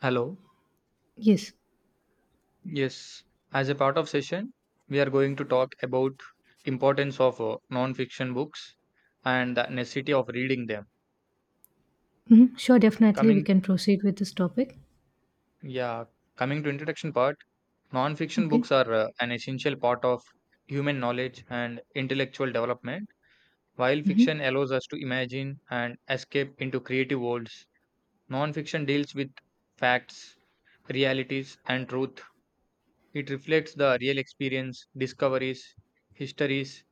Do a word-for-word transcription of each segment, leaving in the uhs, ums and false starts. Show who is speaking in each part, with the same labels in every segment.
Speaker 1: Hello.
Speaker 2: Yes.
Speaker 1: Yes, as a part of session, we are going to talk about importance of uh, non-fiction books and the necessity of reading them.
Speaker 2: Mhm. Sure, definitely we
Speaker 1: Coming,
Speaker 2: can proceed with this topic.
Speaker 1: yeah, coming to introduction part, non-fiction books
Speaker 2: Okay.
Speaker 1: are uh, an essential part of human knowledge and intellectual development. While
Speaker 2: hmm
Speaker 1: fiction allows us to imagine and escape into creative worlds, non-fiction deals with facts, realities, and truth. It reflects the real experience, discoveries, histories,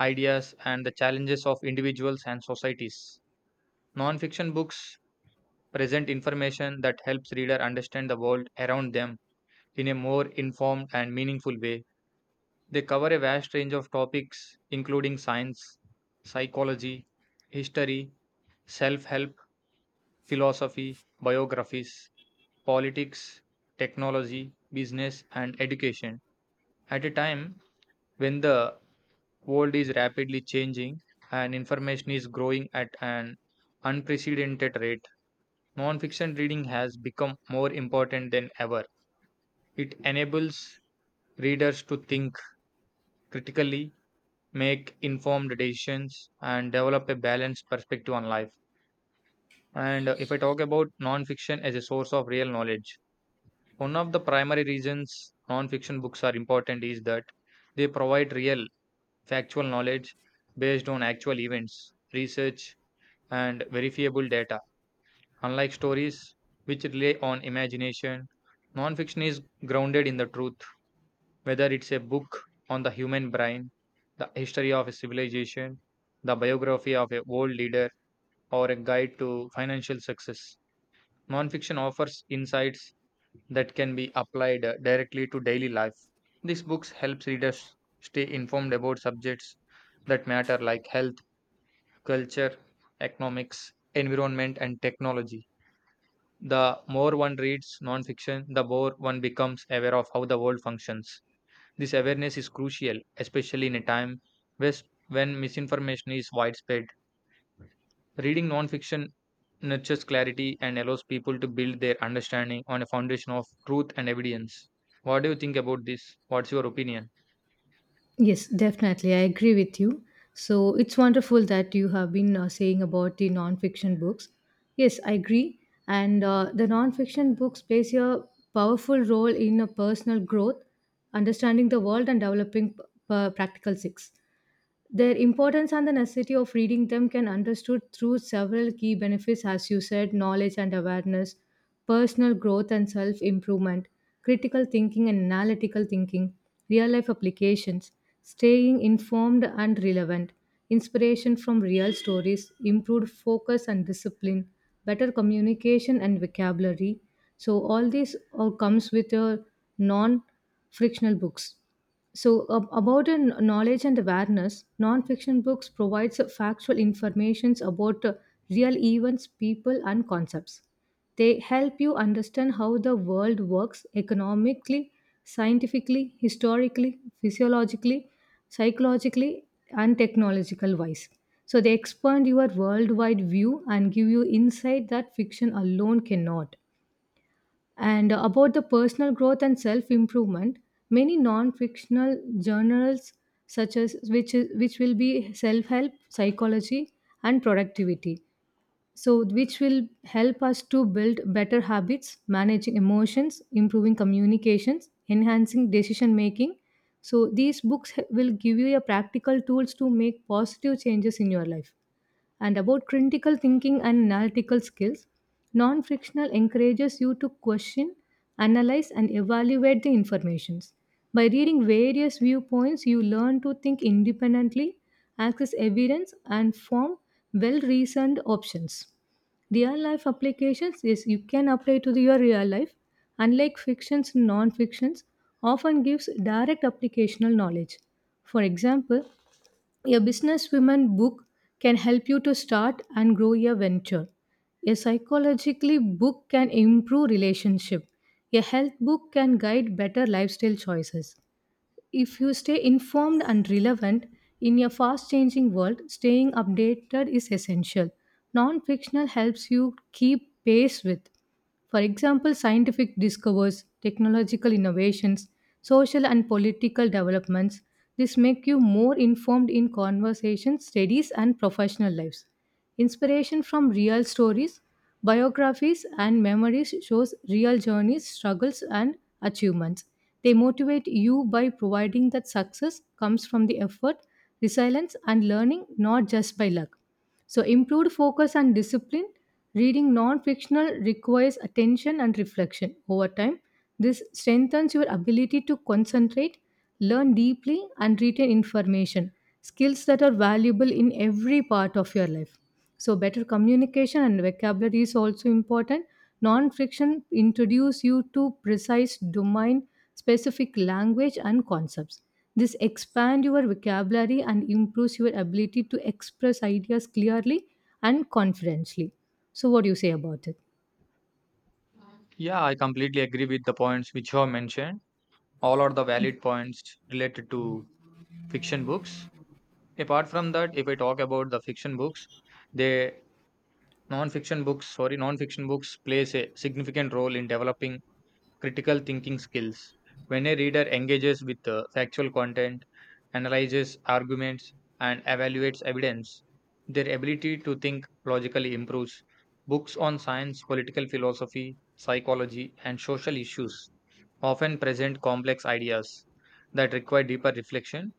Speaker 1: ideas and the challenges of individuals and societies. Non-fiction books present information that helps reader understand the world around them in a more informed and meaningful way. They cover a vast range of topics including science, psychology, history, self-help, philosophy, biographies, politics, technology, business and education. At a time when the world is rapidly changing and information is growing at an unprecedented rate. Nonfiction reading has become more important than ever. It enables readers to think critically, make informed decisions, and develop a balanced perspective on life. And uh, if I talk about nonfiction as a source of real knowledge, one of the primary reasons nonfiction books are important is that they provide real, factual knowledge based on actual events, research, and verifiable data, unlike stories which rely on imagination. Nonfiction is grounded in the truth, whether it's a book on the human brain, the history of a civilization, the biography of a world leader, or a guide to financial success. Nonfiction offers insights that can be applied uh, directly to daily life. These books helps readers stay informed about subjects that matter like health, culture, economics, environment, and technology. The more one reads nonfiction, the more one becomes aware of how the world functions. This awareness is crucial, especially in a time wes- when misinformation is widespread. Reading nonfiction nurtures clarity and allows people to build their understanding on a foundation of truth and evidence. What do you think about this? What's your opinion?
Speaker 2: Yes, definitely. I agree with you. So it's wonderful that you have been uh, saying about the non-fiction books. Yes, I agree. And uh, the non-fiction books plays a powerful role in a personal growth, understanding the world, and developing p- p- practical skills. Their importance and the necessity of reading them can understood through several key benefits as you said: knowledge and awareness, personal growth and self improvement, critical thinking and analytical thinking, real life applications, staying informed and relevant, inspiration from real stories, improved focus and discipline, better communication and vocabulary. So all these all comes with your non frictional books. So, ab- about an knowledge and awareness, non-fiction books provides factual informations about uh, real events, people, and concepts. They help you understand how the world works economically, scientifically, historically, physiologically, psychologically, and technological wise. So, they expand your worldwide view and give you insight that fiction alone cannot. And about the personal growth and self improvement, many non fictional journals, such as which, is, which will be self help, psychology, and productivity. So, which will help us to build better habits, managing emotions, improving communications, enhancing decision making. So, these books will give you a practical tools to make positive changes in your life. And about critical thinking and analytical skills, non frictional encourages you to question, analyze, and evaluate the informations. By reading various viewpoints, you learn to think independently, access evidence, and form well reasoned options. Real life applications is you can apply to the- your real life. Unlike fictions, and non fictions often gives direct applicational knowledge. For example, a businesswoman book can help you to start and grow your venture. A psychologically book can improve relationship. A health book can guide better lifestyle choices if you stay informed and relevant. In a fast changing world, staying updated is essential. Non fictional helps you keep pace with, for example, scientific discoveries, technological innovations, social and political developments. This make you more informed in conversations, studies, and professional lives. Inspiration from real stories. Biographies and memories shows real journeys, struggles and achievements. They motivate you by providing that success comes from the effort, resilience and learning, not just by luck. So, improved focus and discipline, reading non-fictional requires attention and reflection over time. This strengthens your ability to concentrate, learn deeply and retain information, skills that are valuable in every part of your life. So better communication and vocabulary is also important. Non-fiction introduce you to precise domain specific language and concepts. This expand your vocabulary and improves your ability to express ideas clearly and confidently. So what do you say about it?
Speaker 1: Yeah, I completely agree with the points which you have mentioned. All are the valid points related to fiction books. Apart from that, if I talk about the fiction books, they Non-fiction books, sorry, non-fiction books plays a significant role in developing critical thinking skills. When a reader engages with uh, factual content, analyzes arguments, and evaluates evidence, their ability to think logically improves. Books on science, political philosophy, psychology, and social issues often present complex ideas that require deeper reflection.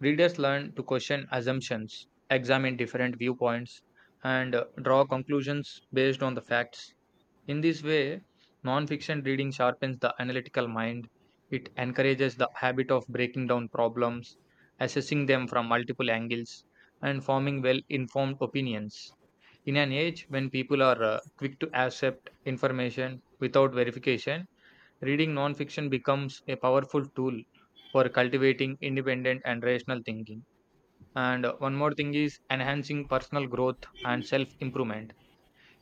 Speaker 1: Readers learn to question assumptions, examine different viewpoints, and uh, draw conclusions based on the facts. In this way, nonfiction reading sharpens the analytical mind. It encourages the habit of breaking down problems, assessing them from multiple angles, and forming well informed opinions. In an age when people are uh, quick to accept information without verification, reading nonfiction becomes a powerful tool for cultivating independent and rational thinking. And uh, one more thing is enhancing personal growth and self improvement.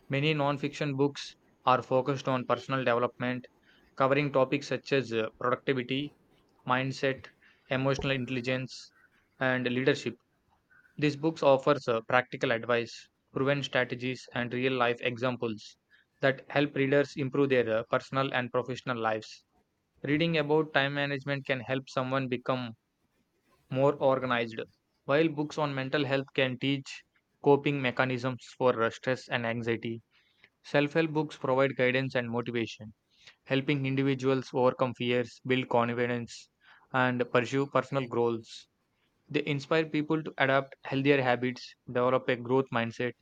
Speaker 1: Many non-fiction books are focused on personal development, covering topics such as uh, productivity, mindset, emotional intelligence, and leadership. These books offers uh, practical advice, proven strategies, and real-life examples that help readers improve their uh, personal and professional lives. Reading about time management can help someone become more organized. While books on mental health can teach coping mechanisms for uh, stress and anxiety, self help books provide guidance and motivation, helping individuals overcome fears, build confidence, and pursue personal goals. They inspire people to adapt healthier habits, develop a growth mindset,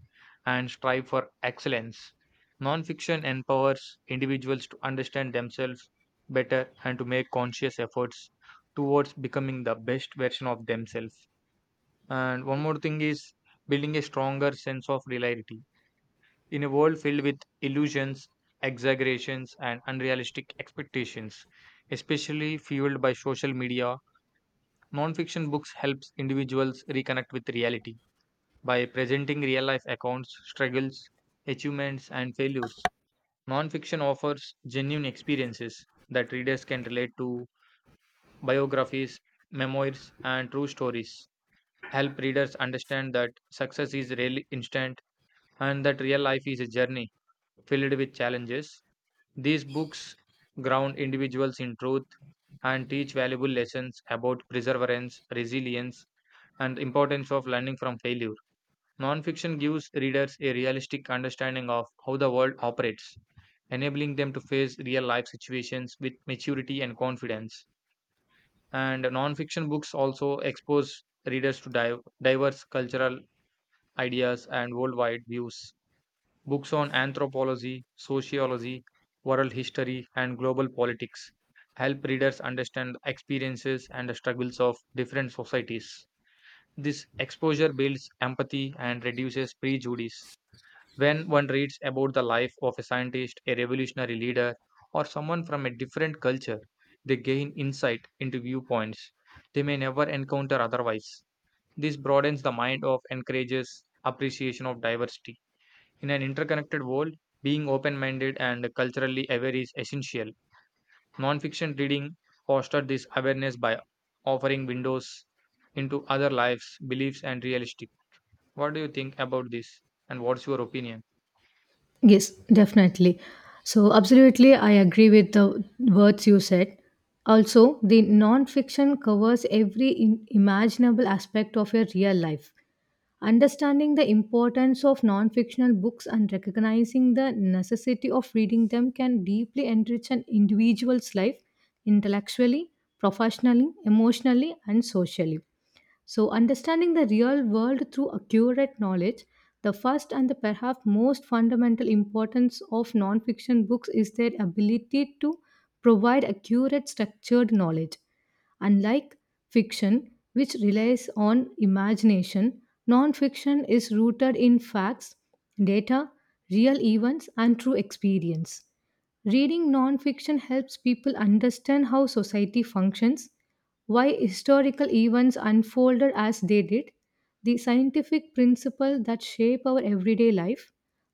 Speaker 1: and strive for excellence. Nonfiction empowers individuals to understand themselves better and to make conscious efforts towards becoming the best version of themselves. And one more thing is building a stronger sense of reality. In a world filled with illusions, exaggerations, and unrealistic expectations, especially fueled by social media, nonfiction books helps individuals reconnect with reality by presenting real-life accounts, struggles, achievements, and failures. Nonfiction offers genuine experiences that readers can relate to, biographies, memoirs, and true stories help readers understand that success is rarely instant and that real life is a journey filled with challenges. These books ground individuals in truth and teach valuable lessons about perseverance, resilience, and the importance of learning from failure. Nonfiction gives readers a realistic understanding of how the world operates, enabling them to face real life situations with maturity and confidence. And nonfiction books also expose readers to div- diverse cultural ideas and worldwide views. Books on anthropology, sociology, world history, and global politics help readers understand the experiences and the struggles of different societies. This exposure builds empathy and reduces prejudice. When one reads about the life of a scientist, a revolutionary leader, or someone from a different culture, they gain insight into viewpoints they may never encounter otherwise. This broadens the mind of encourages appreciation of diversity. In an interconnected world, being open minded and culturally aware is essential. Nonfiction reading fosters this awareness by offering windows into other lives, beliefs, and realistic. What do you think about this? And what's your opinion?
Speaker 2: Yes, definitely. So, absolutely, I agree with the words you said. Also, the non-fiction covers every in- imaginable aspect of your real life. Understanding the importance of non fictional books and recognizing the necessity of reading them can deeply enrich an individual's life intellectually, professionally, emotionally, and socially. So, understanding the real world through accurate knowledge, the first and the perhaps most fundamental importance of non fiction books is their ability to provide accurate, structured knowledge. Unlike fiction, which relies on imagination, nonfiction is rooted in facts, data, real events, and true experience. Reading nonfiction helps people understand how society functions, why historical events unfolded as they did, the scientific principles that shape our everyday life,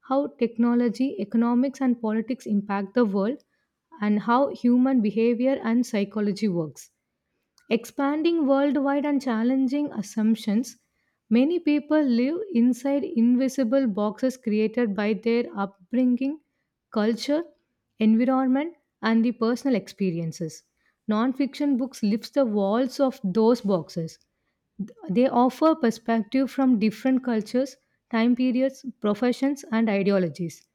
Speaker 2: how technology, economics, and politics impact the world, and how human behavior and psychology works. Expanding worldwide and challenging assumptions, many people live inside invisible boxes created by their upbringing, culture, environment, and the personal experiences. Nonfiction books lifts the walls of those boxes, they offer perspective from different cultures, time periods, professions, and ideologies.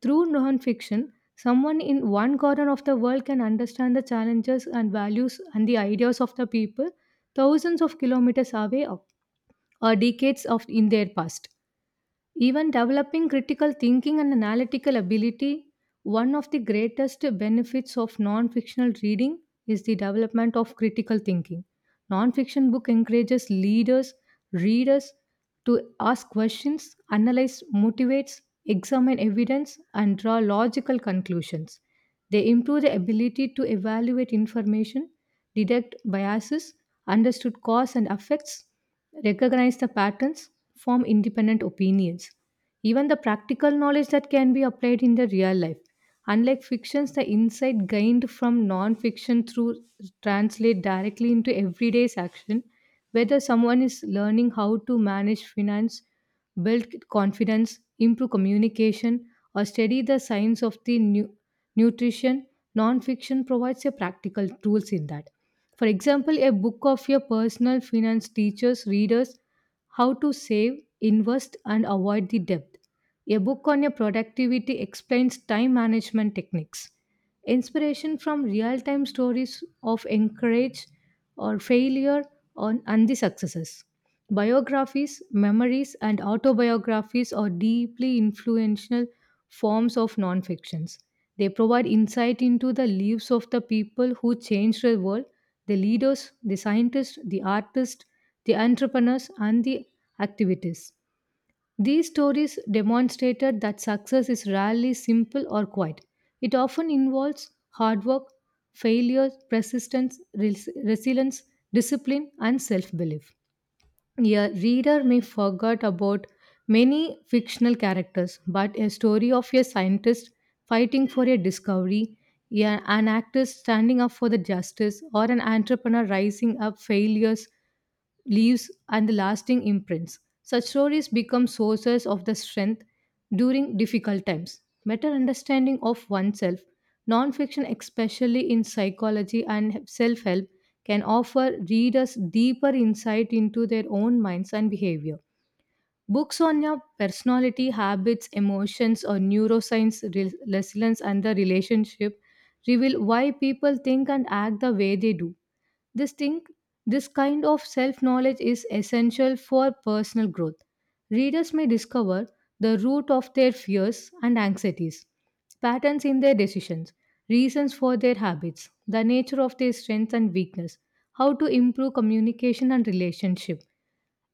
Speaker 2: Through nonfiction, someone in one corner of the world can understand the challenges and values and the ideas of the people thousands of kilometers away or or decades of in their past. Even developing critical thinking and analytical ability, one of the greatest benefits of non fictional reading is the development of critical thinking. Non fiction book encourages leaders, readers to ask questions, analyze, motivates, examine evidence, and draw logical conclusions. They improve the ability to evaluate information, detect biases, understood cause and effects, recognized the patterns, form independent opinions. Even the practical knowledge that can be applied in the real life. Unlike fictions, the insight gained from non-fiction through translate directly into everyday's action, whether someone is learning how to manage finance, build confidence, improve communication, or study the science of the nu- nutrition. Non-fiction provides a practical tools in that. For example, a book of your personal finance teaches readers how to save, invest, and avoid the debt. A book on your productivity explains time management techniques. Inspiration from real time stories of encourage or failure on, and the successes. Biographies, memories, and autobiographies are deeply influential forms of non-fictions. They provide insight into the lives of the people who changed the world, the leaders, the scientists, the artists, the entrepreneurs, and the activities. These stories demonstrated that success is rarely simple or quiet. It often involves hard work, failure, persistence, res- resilience, discipline, and self belief. A reader may forget about many fictional characters, but a story of a scientist fighting for a discovery, a- an actor standing up for the justice, or an entrepreneur rising up failures leaves, and lasting imprints. Such stories become sources of the strength during difficult times. Better understanding of oneself, nonfiction, especially in psychology and self help, can offer readers deeper insight into their own minds and behavior. Books on your personality, habits, emotions, or neuroscience, re- resilience, and the relationship reveal why people think and act the way they do. This thing, this kind of self-knowledge is essential for personal growth. Readers may discover the root of their fears and anxieties, patterns in their decisions, reasons for their habits, the nature of their strengths and weakness, how to improve communication and relationship,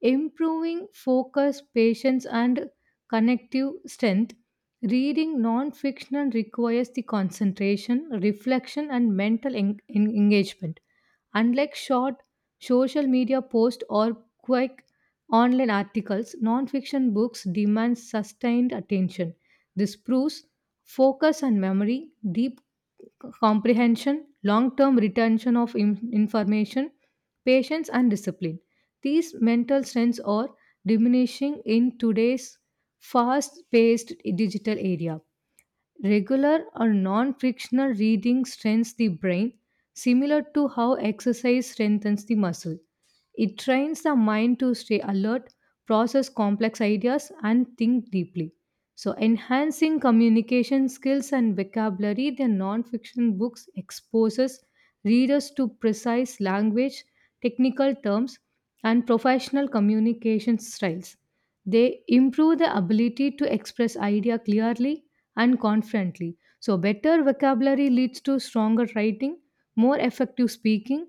Speaker 2: improving focus, patience, and connective strength. Reading non-fiction requires the concentration, reflection, and mental en- en- engagement. Unlike short social media posts or quick online articles, nonfiction books demand sustained attention. This proves focus and memory, deep comprehension, long term retention of in- information, patience, and discipline. These mental strengths are diminishing in today's fast paced digital area. Regular or non frictional reading strengthens the brain, similar to how exercise strengthens the muscle. It trains the mind to stay alert, process complex ideas, and think deeply. So, enhancing communication skills and vocabulary, the nonfiction books exposes readers to precise language, technical terms, and professional communication styles. They improve the ability to express idea clearly and confidently. So, better vocabulary leads to stronger writing, more effective speaking,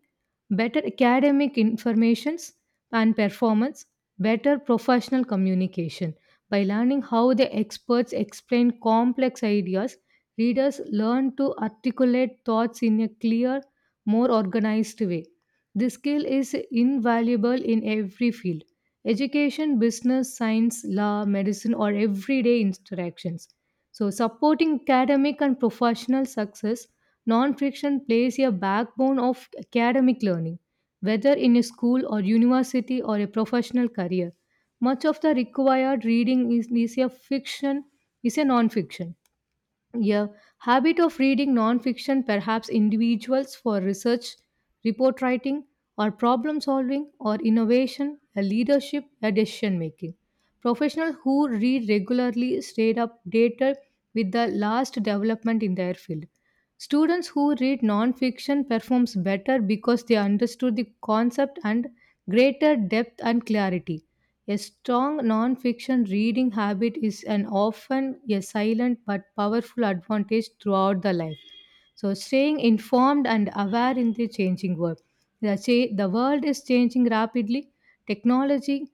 Speaker 2: better academic informations and performance, better professional communication. By learning how the experts explain complex ideas, readers learn to articulate thoughts in a clear, more organized way. This skill is invaluable in every field: education, business, science, law, medicine, or everyday interactions. So, supporting academic and professional success. Non-fiction plays a backbone of academic learning, whether in a school or university or a professional career. Much of the required reading is, is a fiction, is a non-fiction. Yeah, habit of reading nonfiction, perhaps individuals for research, report writing, or problem solving, or innovation, a leadership, a decision making. Professionals who read regularly stay updated with the last development in their field. Students who read nonfiction performs better because they understood the concept and greater depth and clarity. A strong nonfiction reading habit is an often a silent but powerful advantage throughout the life. So, staying informed and aware in the changing world. The, cha- the world is changing rapidly. Technology,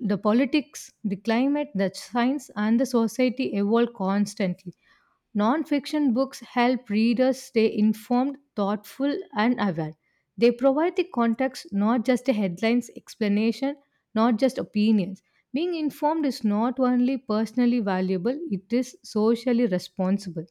Speaker 2: the politics, the climate, the science, and the society evolve constantly. Non-fiction books help readers stay informed, thoughtful, and aware. They provide the context, not just the headlines, explanation, not just opinions. Being informed is not only personally valuable, it is socially responsible.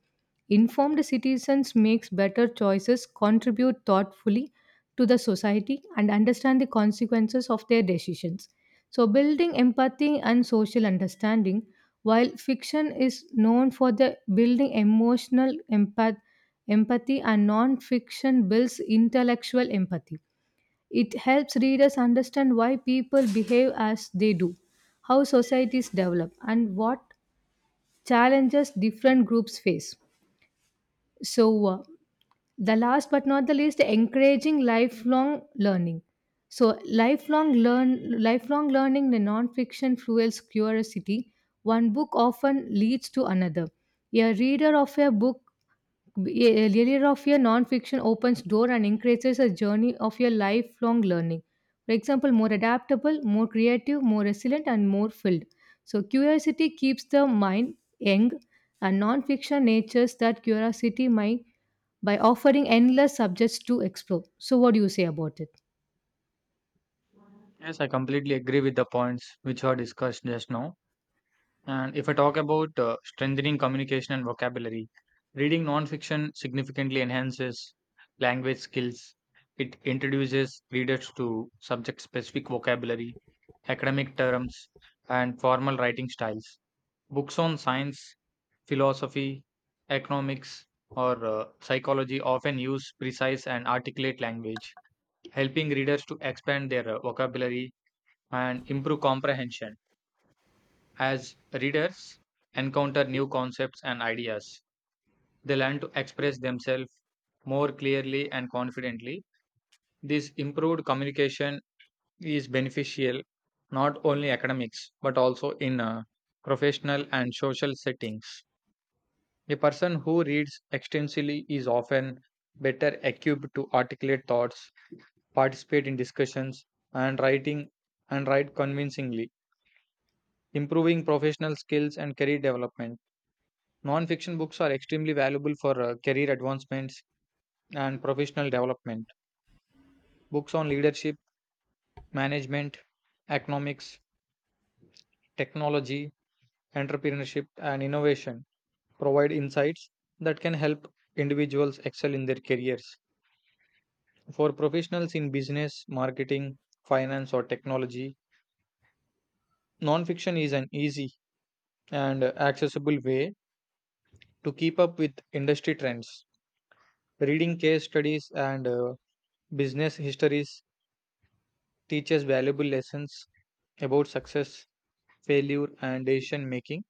Speaker 2: Informed citizens makes better choices, contribute thoughtfully to the society and understand the consequences of their decisions. So, building empathy and social understanding, while fiction is known for the building emotional empath- empathy, and non-fiction builds intellectual empathy, it helps readers understand why people behave as they do, how societies develop, and what challenges different groups face. So, uh, the last but not the least, encouraging lifelong learning. So lifelong learn lifelong learning in nonfiction fuels curiosity. One book often leads to another. a reader of a book a reader of your non-fiction opens door and increases a journey of your lifelong learning. For example, more adaptable, more creative, more resilient, and more filled. So curiosity keeps the mind young, and non-fiction natures that curiosity might by offering endless subjects to explore. So, what do you say about it?
Speaker 1: Yes, I completely agree with the points which were discussed just now. And if I talk about uh, strengthening communication and vocabulary, reading nonfiction significantly enhances language skills. It introduces readers to subject specific vocabulary, academic terms, and formal writing styles. Books on science, philosophy, economics, or uh, psychology often use precise and articulate language, helping readers to expand their uh, vocabulary and improve comprehension. As readers encounter new concepts and ideas, they learn to express themselves more clearly and confidently. This improved communication is beneficial not only academics but also in uh, professional and social settings. A person who reads extensively is often better equipped to articulate thoughts, participate in discussions, and writing and write convincingly, improving professional skills and career development. Non-fiction books are extremely valuable for uh, career advancements and professional development. Books on leadership, management, economics, technology, entrepreneurship, and innovation provide insights that can help individuals excel in their careers. For professionals in business, marketing, finance, or technology, non-fiction is an easy and uh, accessible way to keep up with industry trends. Reading case studies and uh, business histories teaches valuable lessons about success, failure, and decision making.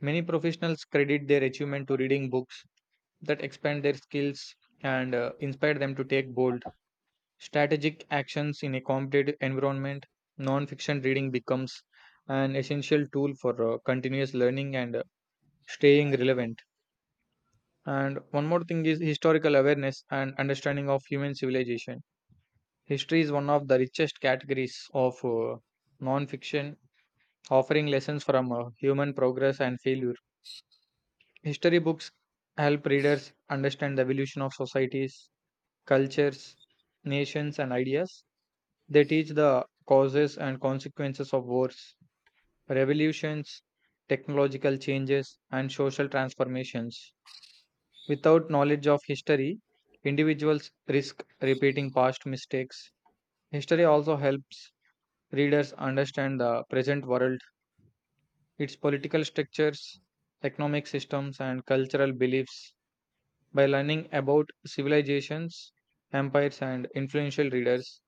Speaker 1: Many professionals credit their achievement to reading books that expand their skills and uh, inspire them to take bold, strategic actions in a competitive environment. Non fiction reading becomes an essential tool for uh, continuous learning and uh, staying relevant. And one more thing is historical awareness and understanding of human civilization. History is one of the richest categories of uh, non fiction offering lessons from uh, human progress and failure. History books help readers understand the evolution of societies, cultures, nations, and ideas. They teach the causes and consequences of wars, revolutions, technological changes, and social transformations. Without knowledge of history, individuals risk repeating past mistakes. History also helps readers understand the present world, its political structures, economic systems, and cultural beliefs. By learning about civilizations, empires, and influential readers,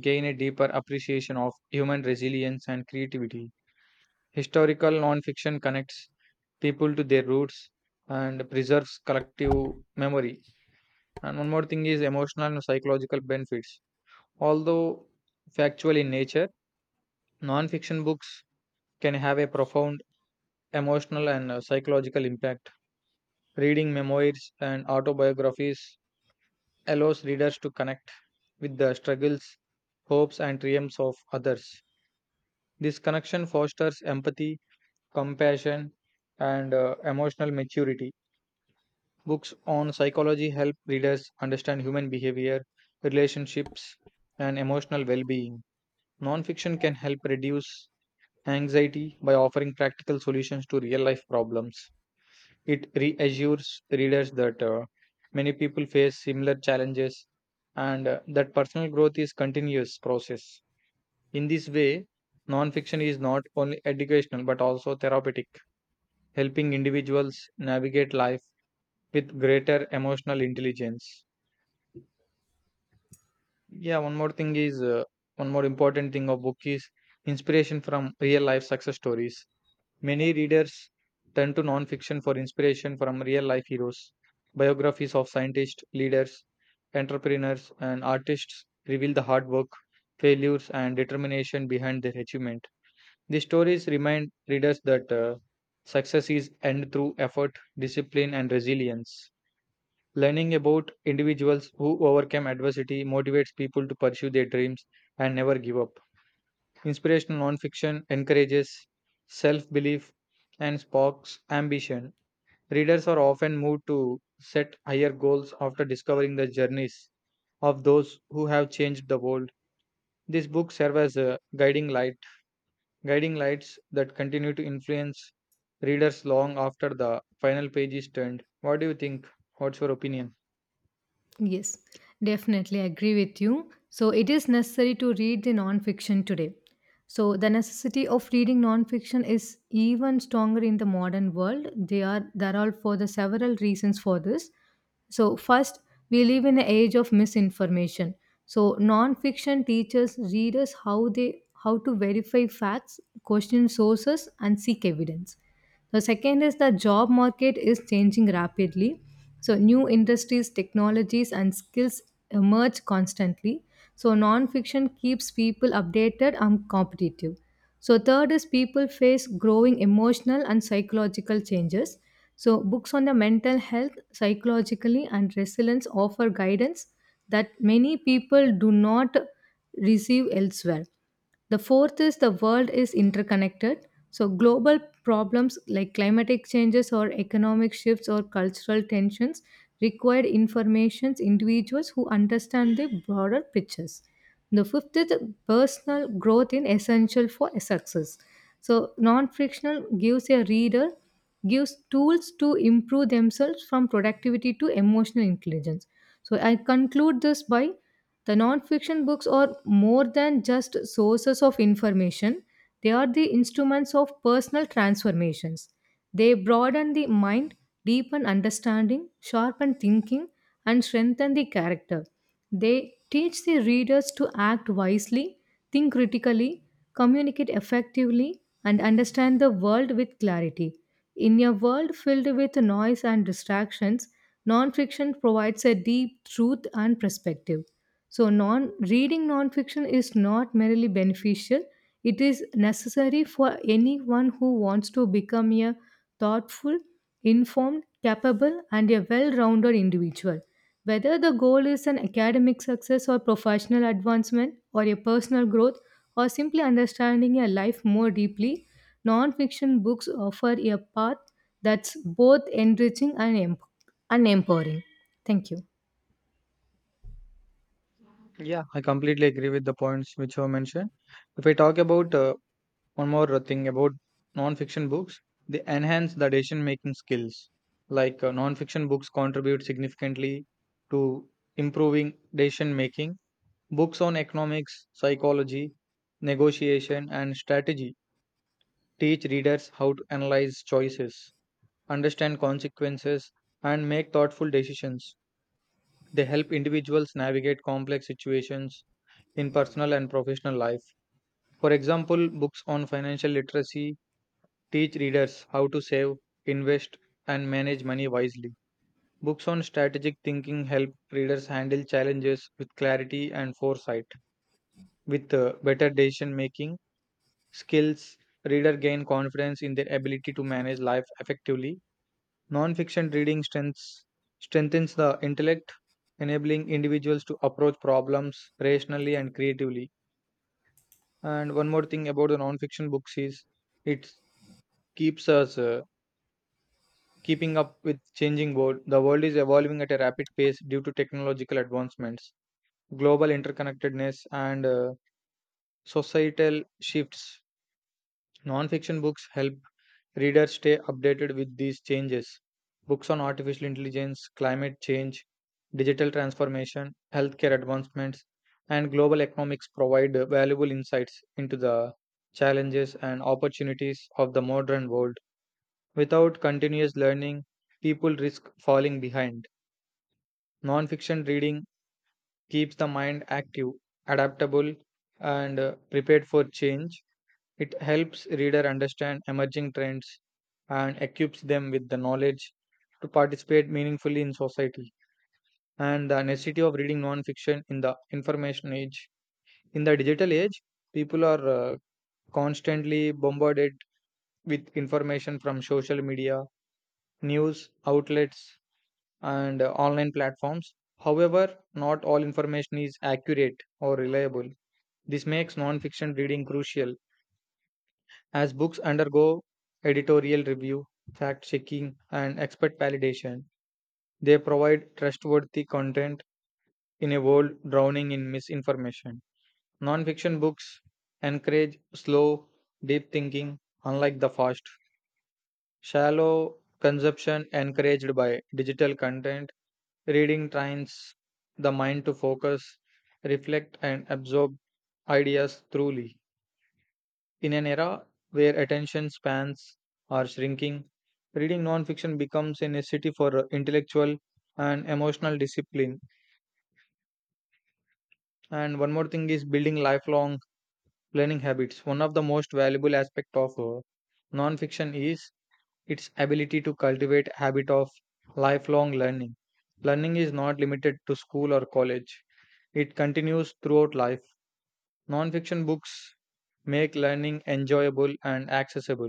Speaker 1: gain a deeper appreciation of human resilience and creativity. Historical nonfiction connects people to their roots and preserves collective memory. And one more thing is emotional and psychological benefits. Although factual in nature, nonfiction books can have a profound emotional and uh, psychological impact. Reading memoirs and autobiographies allows readers to connect with the struggles, hopes, and triumphs of others. This connection fosters empathy, compassion, and uh, emotional maturity. Books on psychology help readers understand human behavior, relationships, and emotional well being. Nonfiction can help reduce anxiety by offering practical solutions to real life problems. It reassures readers that uh, many people face similar challenges and uh, that personal growth is continuous process. In this way, nonfiction is not only educational but also therapeutic, helping individuals navigate life with greater emotional intelligence. Yeah, one more thing is uh, one more important thing of book is inspiration from real life success stories. Many readers turn to non-fiction for inspiration from real-life heroes. Biographies of scientists, leaders, entrepreneurs, and artists reveal the hard work, failures, and determination behind their achievement. These stories remind readers that uh, success is earned through effort, discipline, and resilience. Learning about individuals who overcome adversity motivates people to pursue their dreams and never give up. Inspirational nonfiction encourages self belief and sparks ambition. Readers are often moved to set higher goals after discovering the journeys of those who have changed the world. These books serve as a guiding light, guiding lights that continue to influence readers long after the final page is turned. What do you think? What's your opinion?
Speaker 2: Yes, definitely agree with you. So, it is necessary to read the non-fiction today. So, the necessity of reading non-fiction is even stronger in the modern world. They are There are for the several reasons for this. So, first, we live in an age of misinformation. So, non-fiction teaches readers how they how to verify facts, question sources, and seek evidence. The second is the job market is changing rapidly. So, new industries, technologies, and skills emerge constantly. So, nonfiction keeps people updated and competitive. So, third is people face growing emotional and psychological changes. So, books on the mental health, psychologically, and resilience offer guidance that many people do not receive elsewhere. The fourth is the world is interconnected. So, global problems like climatic changes or economic shifts or cultural tensions require information individuals who understand the broader pictures. The fifth is personal growth in essential for success. So, non-frictional gives a reader gives tools to improve themselves from productivity to emotional intelligence. So, I conclude this by the nonfiction books are more than just sources of information, they are the instruments of personal transformations. They broaden the mind, deepen understanding, sharpen thinking, and strengthen the character. They teach the readers to act wisely, think critically, communicate effectively, and understand the world with clarity. In a world filled with noise and distractions, nonfiction provides a deep truth and perspective. So, non reading nonfiction is not merely beneficial; it is necessary for anyone who wants to become a thoughtful, informed, capable, and a well-rounded individual. Whether the goal is an academic success or professional advancement or a personal growth or simply understanding a life more deeply, non-fiction books offer a path that's both enriching and, emp- and empowering. Thank you.
Speaker 1: Yeah, I completely agree with the points which were mentioned. If I talk about uh, one more thing about non-fiction books, they enhance the decision-making skills. Like uh, non-fiction books contribute significantly to improving decision-making. Books on economics, psychology, negotiation, and strategy teach readers how to analyze choices, understand consequences, and make thoughtful decisions. They help individuals navigate complex situations in personal and professional life. For example, books on financial literacy teach readers how to save, invest, and manage money wisely. Books on strategic thinking help readers handle challenges with clarity and foresight. With uh, better decision making skills, readers gain confidence in their ability to manage life effectively. Non-fiction reading strengths, strengthens the intellect, enabling individuals to approach problems rationally and creatively. And one more thing about the non-fiction books is it keeps us uh, keeping up with changing world. The world is evolving at a rapid pace due to technological advancements, global interconnectedness, and uh, societal shifts. Non-fiction books help readers stay updated with these changes. Books on artificial intelligence, climate change, digital transformation, healthcare advancements, and global economics provide uh, valuable insights into the challenges and opportunities of the modern world. Without continuous learning, people risk falling behind. Nonfiction reading keeps the mind active, adaptable, and uh, prepared for change. It helps reader understand emerging trends and equips them with the knowledge to participate meaningfully in society. And the necessity of reading nonfiction in the information age. In the digital age, people are uh, constantly bombarded with information from social media, news outlets, and uh, online platforms. However, not all information is accurate or reliable. This makes non-fiction reading crucial as books undergo editorial review, fact checking, and expert validation. They provide trustworthy content in a world drowning in misinformation. Non-fiction books encourage slow, deep thinking, unlike the fast, shallow consumption encouraged by digital content. Reading trains the mind to focus, reflect, and absorb ideas truly. In an era where attention spans are shrinking, reading non-fiction becomes a necessity for intellectual and emotional discipline. And one more thing is building lifelong learning habits. One of the most valuable aspects of uh, non-fiction is its ability to cultivate habit of lifelong learning. Learning is not limited to school or college. It continues throughout life. Nonfiction books make learning enjoyable and accessible.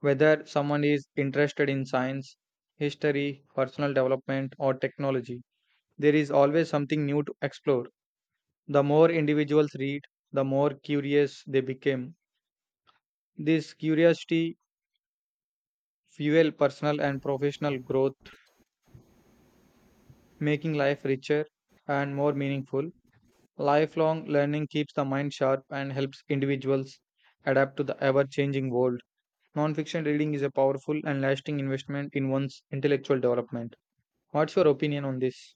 Speaker 1: Whether someone is interested in science, history, personal development, or technology, there is always something new to explore. The more individuals read, the more curious they become. This curiosity fuels personal and professional growth making life richer and more meaningful. Lifelong learning keeps the mind sharp and helps individuals adapt to the ever changing world. Nonfiction reading is a powerful and lasting investment in one's intellectual development. What's your opinion on this?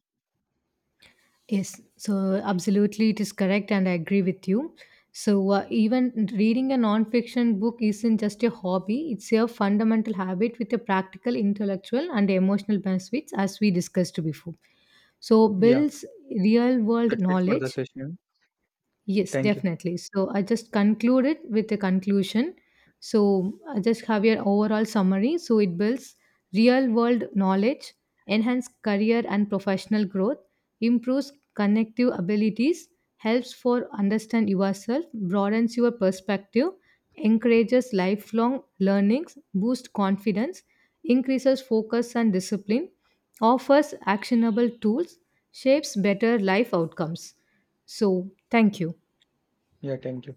Speaker 2: Yes, so absolutely it is correct, and I agree with you. So, uh, even reading a non fiction book isn't just a hobby, it's a fundamental habit with a practical, intellectual, and emotional benefits, as we discussed before. So,
Speaker 1: Yeah,
Speaker 2: builds real world
Speaker 1: that's it for the
Speaker 2: knowledge.
Speaker 1: session.
Speaker 2: Yes,
Speaker 1: Thank you.
Speaker 2: definitely. So, I just conclude it with a conclusion. So, I just have your overall summary. So, it builds real world knowledge, enhance career and professional growth, improves connective abilities, helps for understand yourself, broadens your perspective, encourages lifelong learnings, boosts confidence, increases focus and discipline, offers actionable tools, shapes better life outcomes. So, thank you.
Speaker 1: Yeah, thank you.